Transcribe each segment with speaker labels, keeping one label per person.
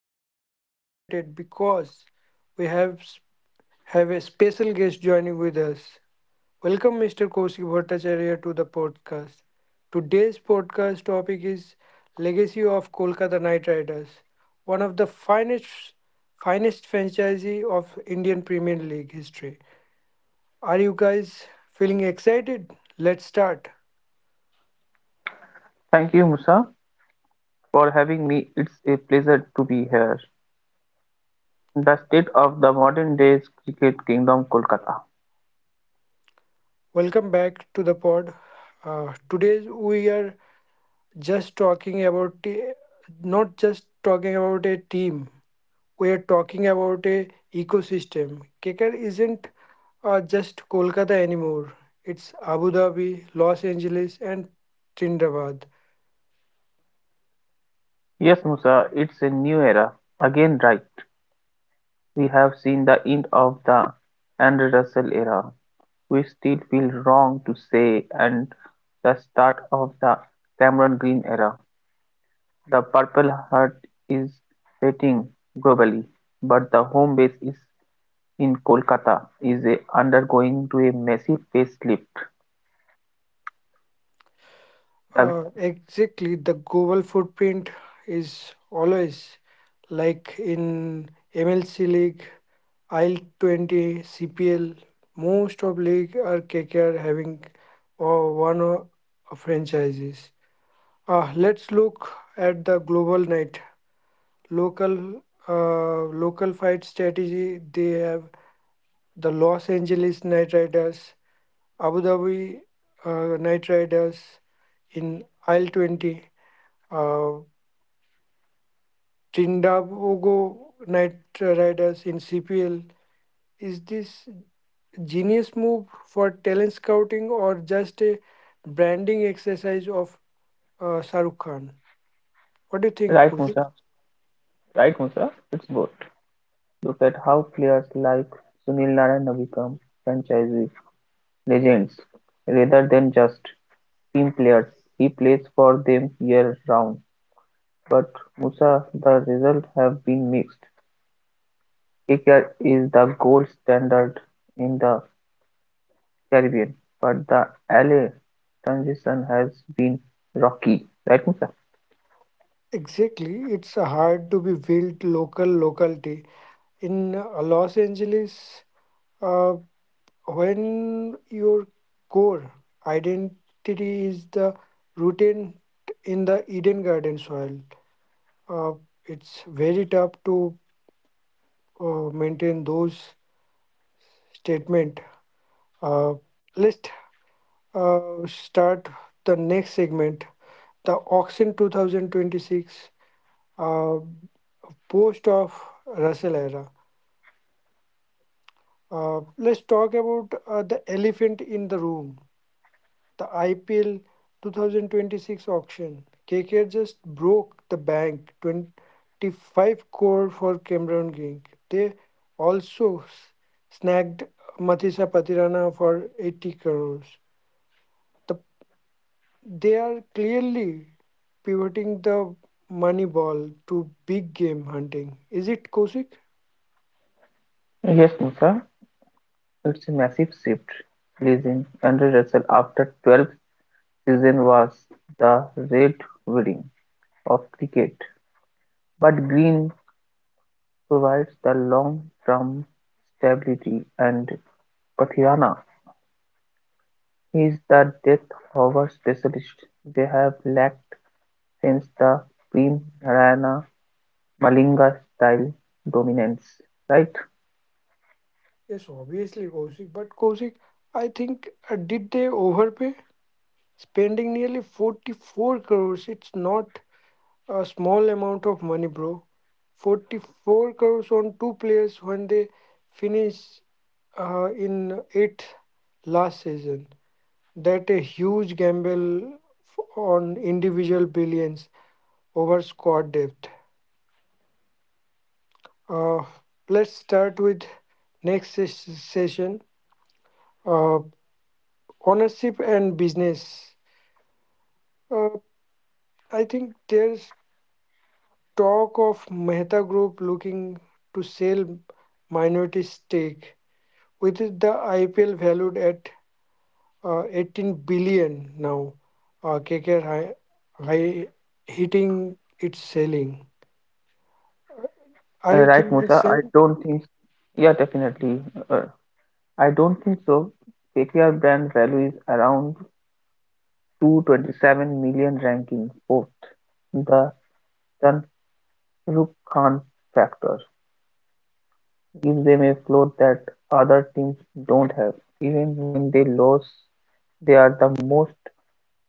Speaker 1: We are super excited because we have a special guest joining with us. Welcome, Mr. Kaushik Bhattacharya, to the podcast. Today's podcast topic is legacy of Kolkata Knight Riders, one of the finest franchise of Indian Premier League history. Are you guys feeling excited? Let's start.
Speaker 2: Thank you, Musa, for having me. It's a pleasure to be here. The state of the modern day cricket kingdom, Kolkata.
Speaker 1: Welcome back to the pod. Today we are just talking about a, not just talking about a team. We are talking about a ecosystem. KKR isn't just Kolkata anymore. It's Abu Dhabi, Los Angeles, and Trinidad.
Speaker 2: Yes, Musa, it's a new era. Again, right. We have seen the end of the Andrew Russell era. We still feel wrong to say, and the start of the Cameron Green era. The Purple Heart is fading globally, but the home base is in Kolkata is a undergoing to a massive facelift. Right,
Speaker 1: Exactly, the global footprint is always like in MLC league, IL 20, CPL. Most of league are KKR having one of franchises. Let's look at the global night. Local local fight strategy. They have the Los Angeles Night Riders, Abu Dhabi Night Riders in Isle 20, uh, Trindago Night Riders in CPL. Is this genius move for talent scouting or just a branding exercise of Shahrukh Khan? What do you think,
Speaker 2: right,
Speaker 1: Kulfi?
Speaker 2: Musa. Right, Musa. It's both. Look at how players like Sunil Narine have become franchise legends rather than just team players. He plays for them year round. But Musa, the results have been mixed. KKR is the gold standard in the Caribbean, but the LA transition has been rocky. Right, Musa?
Speaker 1: Exactly, it's hard to be built locality in Los Angeles uh, when your core identity is the rooted in the Eden Garden soil. Uh, it's very tough to maintain those statement. Uh, let's start the next segment, the auction 2026, uh, post of Russell era. Let's talk about the elephant in the room, the IPL 2026 auction. KKR just broke the bank 25 crore for Cameron King. They also snagged Mathisa Patirana for 80 crores. The, they are clearly pivoting the money ball to big game hunting. Is it Kosik?
Speaker 2: Yes, Musa. It's a massive shift, leaving Andre Russell after 12 season was the red wedding of cricket, but green provides the long-term stability and Pathiana is the depth hover specialist they have lacked since the Prem Narayana Malinga style dominance. Right?
Speaker 1: Yes, obviously, Kosik, but Kosik, I think, did they overpay? Spending nearly 44 crores, it's not a small amount of money, bro. 44 crores on two players when they finish in eighth last season, that a huge gamble on individual billions over squad depth. uh, let's start with next session, uh, ownership and business. uh, I think there's talk of Mehta Group looking to sell minority stake with the IPL valued at 18 billion now. KKR high hitting its selling. Uh, Are
Speaker 2: Uh,
Speaker 1: you
Speaker 2: right,
Speaker 1: thinking
Speaker 2: Musa. I
Speaker 1: same?
Speaker 2: don't think. Yeah, definitely. Uh, I don't think so. KKR brand value is around to ranking fourth. The Shahrukh Khan factor gives them a float that other teams don't have. Even when they lose, they are the most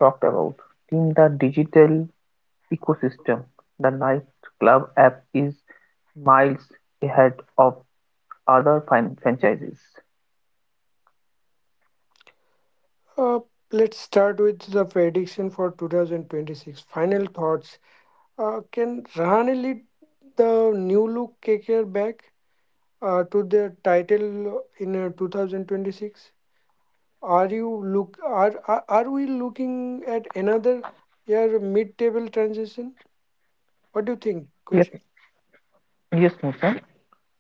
Speaker 2: talked about. In the digital ecosystem, the nightclub app is miles ahead of other franchises.
Speaker 1: Uh, let's start with the prediction for 2026. Final thoughts. Can Rahane lead the new look KKR back to their title in 2026? Are you look are we looking at another year mid-table transition? What do you think,
Speaker 2: Yes,
Speaker 1: Kaushik?
Speaker 2: yes, Nusant.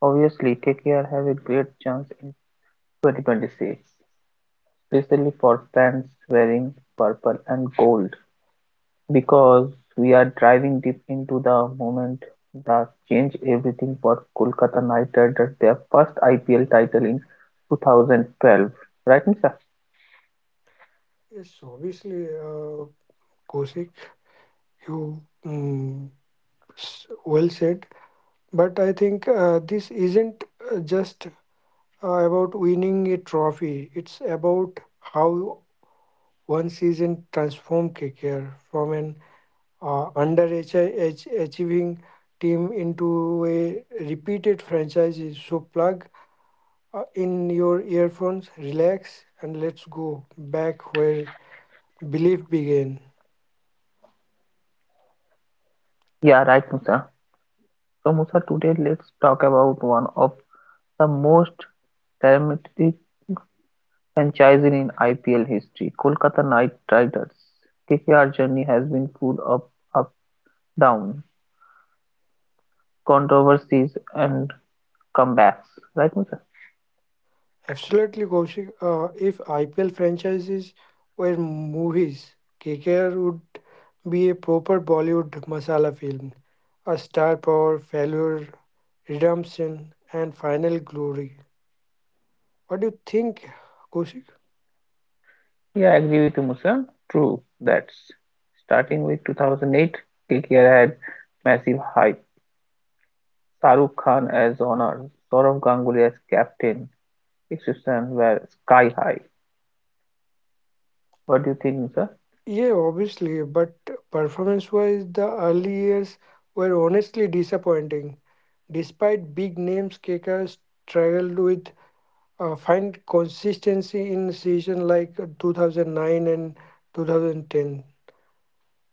Speaker 2: Obviously, KKR have a great chance in 2026, especially for fans wearing purple and gold, because we are driving deep into the moment that changed everything for Kolkata Knight Riders, their first IPL title in 2012. Right, Musa?
Speaker 1: Yes, obviously, Kaushik, you well said. But I think this isn't just about winning a trophy. It's about how one season transformed KKR from an underachieving team into a repeated franchise. So plug in your earphones, relax, and let's go back where belief began.
Speaker 2: Yeah, right, Musa. So, Musa, today let's talk about one of the most dramatic franchise in IPL history, Kolkata Knight Riders. KKR journey has been full of up, down, controversies, and comebacks, right, Musa?
Speaker 1: Absolutely, Kaushik. If IPL franchises were movies, KKR would be a proper Bollywood masala film, a star power, failure, redemption, and final glory. What do you think, Kaushik?
Speaker 2: Yeah, I agree with you, Musa. True, that's starting with 2008, KKR had massive hype. Shahrukh Khan as owner, Sourav Ganguly as captain, expectations were sky high. What do you think, Musa?
Speaker 1: Yeah, obviously, but performance-wise, the early years were honestly disappointing. Despite big names, KKR struggled with find consistency in season like 2009 and 2010.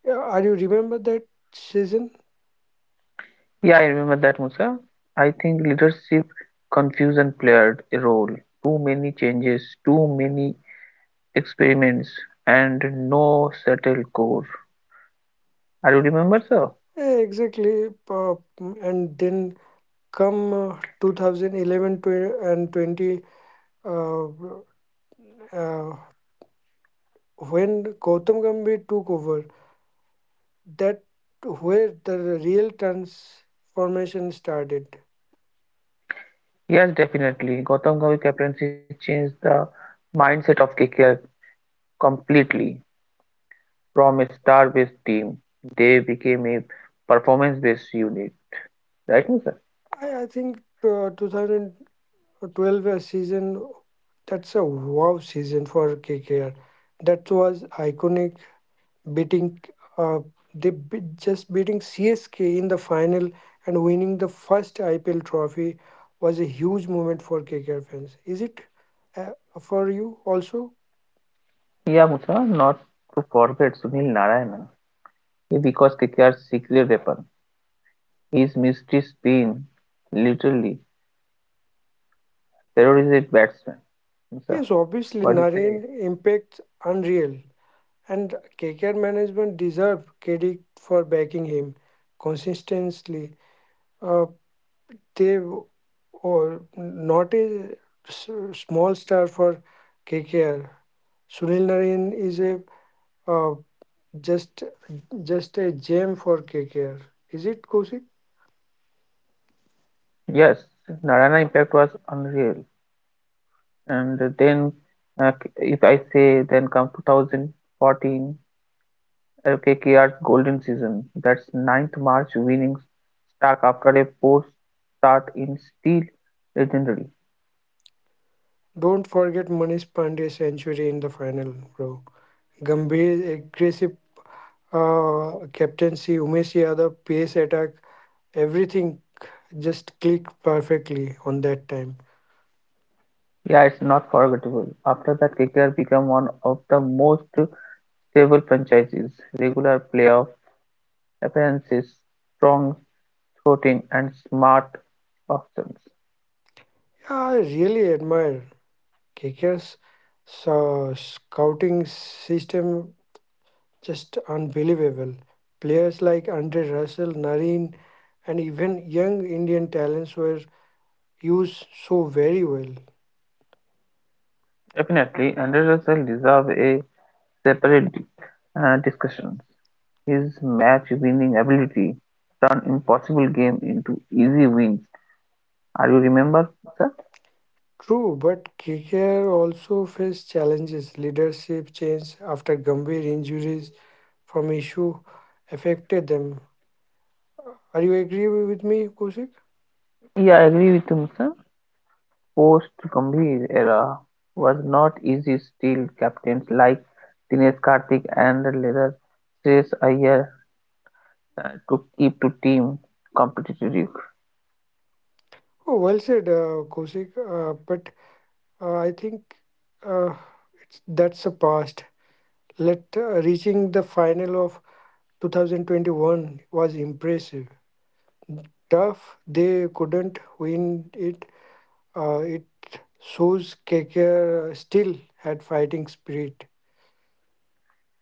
Speaker 1: Yeah, are you remember that season?
Speaker 2: Yeah, I remember that, Musa. I think leadership confusion played a role. Too many changes, too many experiments, and no settled core. Are you remember, sir?
Speaker 1: Yeah, exactly. And then come 2011 tw- and 20 uh, uh, when Gautam Gambhir took over, that where the real transformation started.
Speaker 2: Yes, definitely. Gautam Gambhir captaincy changed the mindset of KKR completely. From a star-based team, they became a performance-based unit. Right, Musa?
Speaker 1: I think 2000, 12 season that's a wow season for KKR that was iconic, beating uh, beating CSK in the final, and winning the first IPL trophy was a huge moment for KKR fans. Is it uh, for you also?
Speaker 2: Yeah, Musa. Not to forget Sunil Narayana. Because KKR's secret weapon is mystery spin, literally. There is a batsman. Musa,
Speaker 1: Yes, obviously,
Speaker 2: what do you
Speaker 1: Naren
Speaker 2: say?
Speaker 1: impacts unreal, and KKR management deserve credit for backing him consistently. Uh, they w- or not a s- small star for KKR. Sunil Narine is a uh, just just a gem for KKR. Is it Kosik?
Speaker 2: Yes, Narayana impact was unreal. And then, if I say, then come 2014. KKR Golden Season, that's ninth March winning streak after a poor start in still legendary.
Speaker 1: Don't forget Manish Pandey's century in the final, bro. Gambhir aggressive captaincy, Umesh Yadav pace attack, everything just clicked perfectly on that time.
Speaker 2: Yeah, it's not forgettable. After that, KKR became one of the most stable franchises. Regular playoff appearances, strong shooting, and smart options.
Speaker 1: Yeah, I really admire kickers. So scouting system just unbelievable. Players like Andre Russell, Nareen, and even young Indian talents were used so very well.
Speaker 2: Definitely, Andre Russell deserves a separate discussion. His match-winning ability turned impossible games into easy wins. Are you remember, sir?
Speaker 1: True, but KKR also faced challenges. Leadership change after Gambhir injuries from issue affected them. Are you agree with me, Kosik?
Speaker 2: Yeah, I agree with him, sir. Post Gambhir era was not easy. Still, captains like Dinesh Karthik and Leather Chase Iyer to keep to team competitive.
Speaker 1: Oh, well said, Kosik. But I think uh, it's that's a past. Let reaching the final of 2021 was impressive. Tough, they couldn't win it. It shows KKR still had fighting spirit.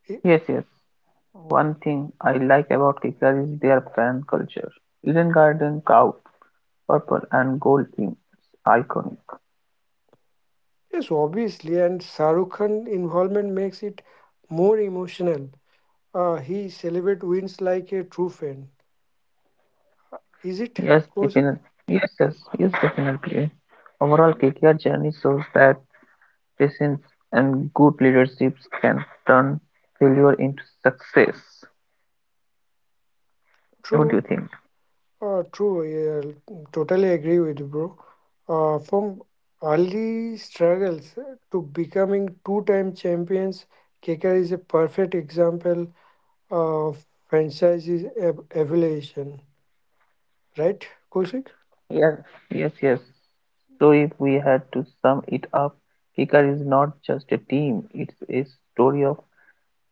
Speaker 1: Y-
Speaker 2: Yes, yes. One thing I like about KKR is their fan culture. Eden Garden crowd, purple and gold team, iconic.
Speaker 1: Yes, obviously, and Shahrukh Khan involvement makes it more emotional. He celebrates wins like a true fan. Is it
Speaker 2: Yes,
Speaker 1: Kaushik?
Speaker 2: definitely. Yes, yes, yes, definitely. Overall, KKR journey shows that patience and good leadership can turn failure into success. What do you
Speaker 1: True.
Speaker 2: think?
Speaker 1: True, yeah, totally agree with you, bro. From early struggles to becoming two-time champions, KKR is a perfect example of franchise's evolution, right, Kosik?
Speaker 2: Yes, yes. So if we had to sum it up, Kicker is not just a team, it's a story of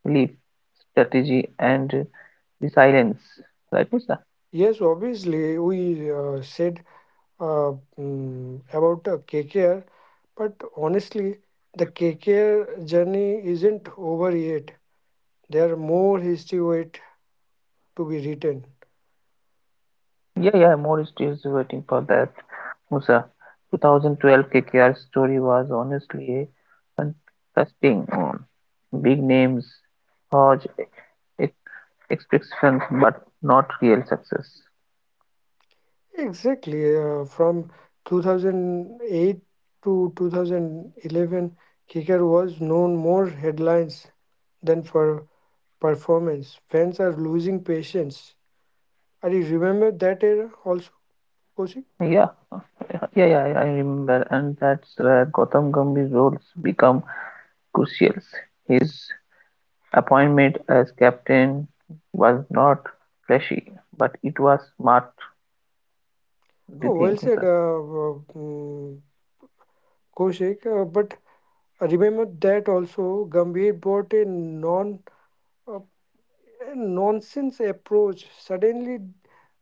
Speaker 2: belief, strategy, and resilience. Right, Musa?
Speaker 1: Yes, obviously, we said uh, about KKR, but honestly, the KKR journey isn't over yet. There are more history wait to be written.
Speaker 2: Yeah, more is waiting for that. Musa, 2012 KKR story was honestly a contrasting one. Big names, Hodge, expectations but not real success.
Speaker 1: Exactly. From 2008 to 2011, Kicker was known more headlines than for performance. Fans are losing patience. Are you remember that era also, Koshik?
Speaker 2: Yeah, yeah, I remember, and that's where Gautam Gambhir's roles become crucial. His appointment as captain was not flashy, but it was smart. Do you
Speaker 1: Oh, well
Speaker 2: think,
Speaker 1: said,
Speaker 2: sir?
Speaker 1: Koshik. But remember that also, Gambhir brought uh, a nonsense approach. Suddenly,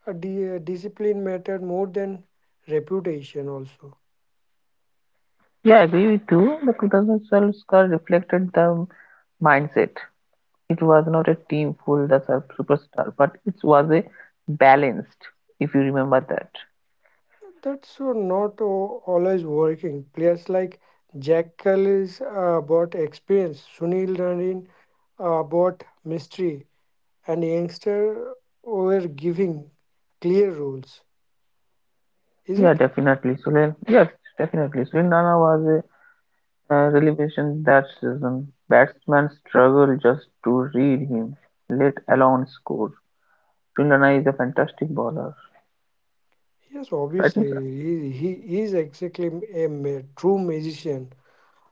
Speaker 1: discipline mattered more than reputation also.
Speaker 2: Yeah, I agree with you. The 2012 score reflected the mindset. It was not a team full of superstar, but it was a balanced. If you remember that.
Speaker 1: That's not always working. Players like Jack Kellis brought experience, Sunil Narin brought mystery, and youngster were giving clear rules. Is
Speaker 2: Yeah,
Speaker 1: it?
Speaker 2: definitely, Sulil. Yes, definitely. Sulil Nana was a revelation that season. Batsman struggled just to read him, let alone score. Sulil Nana is a fantastic bowler,
Speaker 1: Yes,
Speaker 2: right,
Speaker 1: obviously.
Speaker 2: Mr.?
Speaker 1: He is exactly a true magician.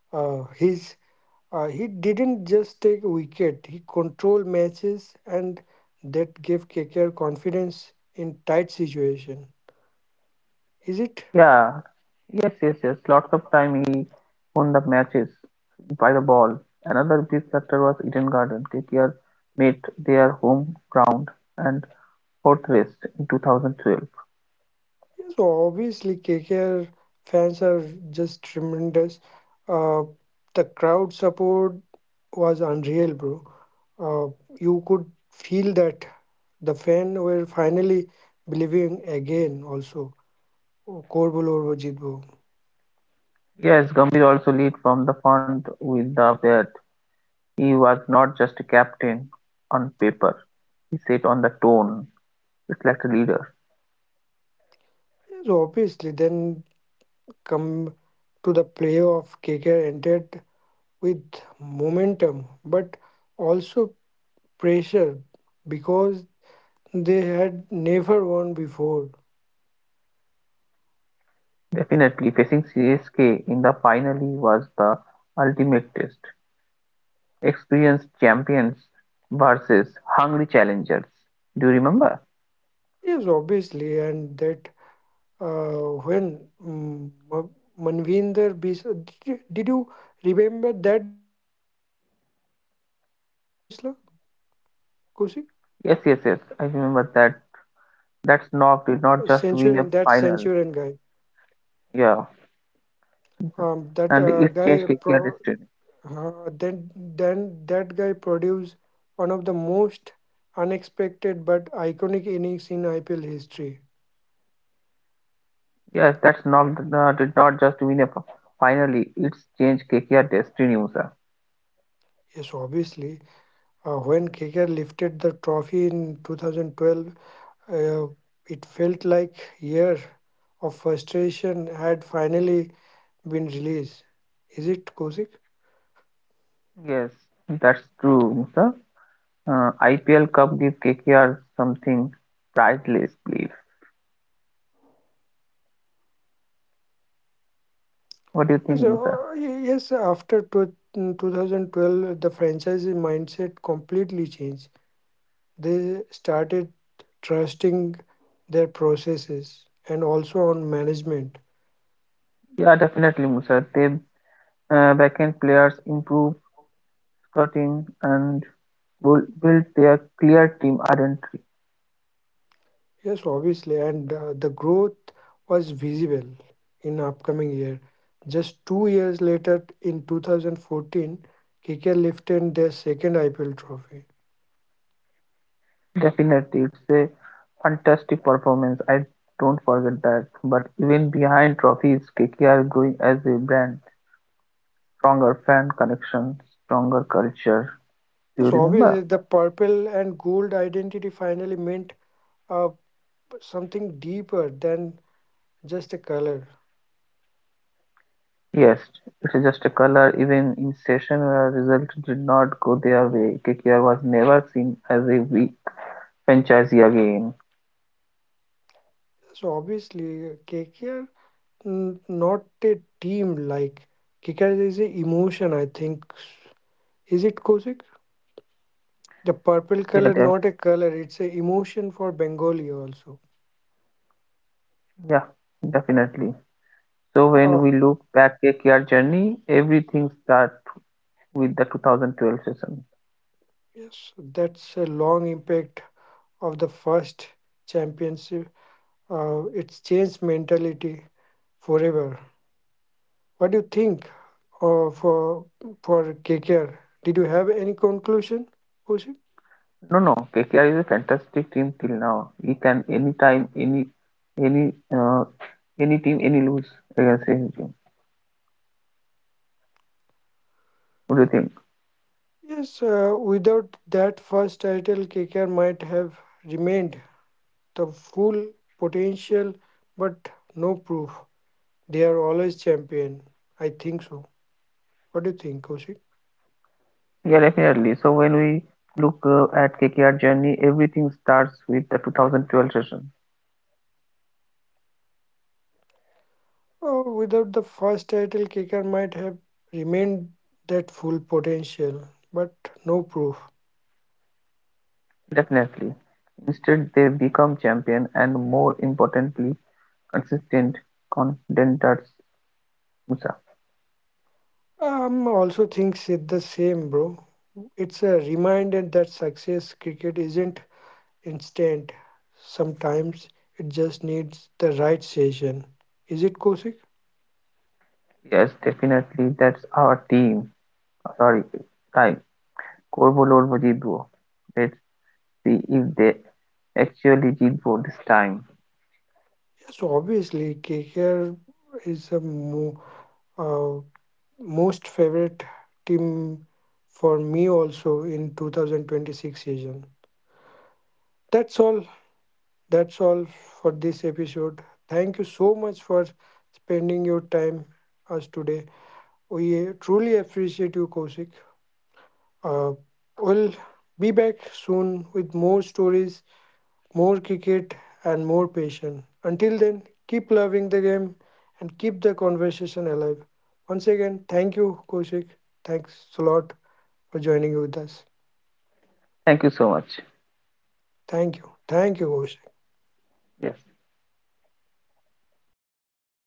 Speaker 1: Uh, his, he didn't just take wicket, he controlled matches, and that gave KKR confidence in tight situation. Is it?
Speaker 2: Yeah, yes. Lots of time he won the matches by the ball. Another big factor was Eden Garden. KKR made their home ground and fortress in 2012.
Speaker 1: Yeah, so obviously, KKR fans are just tremendous. Uh, the crowd support was unreal, bro. Uh, you could feel that the fans were finally believing again. Also, kor bolo aur wo jeet wo.
Speaker 2: Yes, Gambhir also lead from the front with the bat. He was not just a captain on paper, he set on the tone, reflected like leader.
Speaker 1: Yeah, so obviously, then come to the playoff, KKR entered with momentum, but also pressure because they had never won before.
Speaker 2: Definitely facing CSK in the final was the ultimate test. Experienced champions versus hungry challengers. Do you remember?
Speaker 1: Yes, obviously, and that when Manvinder Bisla, did you remember that guy, Manvinder Bisla, Kusik?
Speaker 2: Yes. I remember that. That snob did not just
Speaker 1: Centurion,
Speaker 2: win
Speaker 1: that
Speaker 2: a
Speaker 1: Centurion
Speaker 2: final.
Speaker 1: guy,
Speaker 2: Yeah,
Speaker 1: that
Speaker 2: and it changed
Speaker 1: guy
Speaker 2: KKR
Speaker 1: pro,
Speaker 2: destiny.
Speaker 1: then that guy produced one of the most unexpected but iconic innings in IPL history.
Speaker 2: Yes, that snob did not just win a finally. It's changed KKR destiny, Musa.
Speaker 1: Yes, obviously, when KKR lifted the trophy in 2012. Uh, it felt like year of frustration had finally been released. Is it Kosik?
Speaker 2: Yes, that's true, Musa. IPL Cup give KKR something priceless, believe. What do you think,
Speaker 1: Yes,
Speaker 2: Musa?
Speaker 1: yes. After 2012, the franchise mindset completely changed. They started trusting their processes and also on management.
Speaker 2: Yeah, definitely, Musa. They backend players improve scouting and will build their clear team identity.
Speaker 1: Yes, obviously, and the growth was visible in upcoming year. Just 2 years later, in 2014, KKR lifted their second IPL trophy.
Speaker 2: Definitely, it's a fantastic performance. I don't forget that. But even behind trophies, KKR is growing as a brand, stronger fan connection, stronger culture. Do you
Speaker 1: Yes, obviously,
Speaker 2: remember?
Speaker 1: the purple and gold identity finally meant uh, something deeper than just a color.
Speaker 2: Yes, it's just a color. Even in session where results did not go their way, KKR was never seen as a weak franchise again.
Speaker 1: So obviously, KKR not a team like KKR is an emotion. I think, is it Kosik? The purple
Speaker 2: Yeah,
Speaker 1: color,
Speaker 2: de-
Speaker 1: not a color, it's a emotion for Bengali also.
Speaker 2: yeah, Definitely. So when
Speaker 1: Ah,
Speaker 2: we look back KKR journey, everything starts with the 2012 season.
Speaker 1: yes, that's a long impact of the first championship. It's changed mentality forever. What do you think uh, for for KKR? Did you have any conclusion, Koushik?
Speaker 2: No, no, KKR is a fantastic team till now. He can anytime, any, uh, any team, any lose against any team. What do you think?
Speaker 1: Yes, without that first title, KKR might have remained the full potential, but no proof. They are always champion. I think so. What do you think, Kaushik?
Speaker 2: Yeah, definitely. So when we look at KKR journey, everything starts with the 2012 season.
Speaker 1: Oh, without the first title, KKR might have remained that full potential, but no proof.
Speaker 2: Definitely. Instead, they become champion and more importantly, consistent contenders. Musa.
Speaker 1: Also thinks it the same, bro. It's a reminder that success cricket isn't instant. Sometimes it just needs the right session. Is it Kosik?
Speaker 2: Yes, definitely. That's our team. Sorry, time. Korbo Lorbo Jitbo. Let's see if they actually Jitbo this time.
Speaker 1: Yes, obviously. KKR is a uh, most favorite team for me also in 2026 season. That's all. That's all for this episode. Thank you so much for spending your time us today. We truly appreciate you, Kosik. Uh, we'll be back soon with more stories, more cricket, and more passion. Until then, keep loving the game and keep the conversation alive. Once again, thank you, Kosik. Thanks a lot for joining with us.
Speaker 2: Thank you so much.
Speaker 1: Thank you. Thank you, Kosik.
Speaker 2: Yes.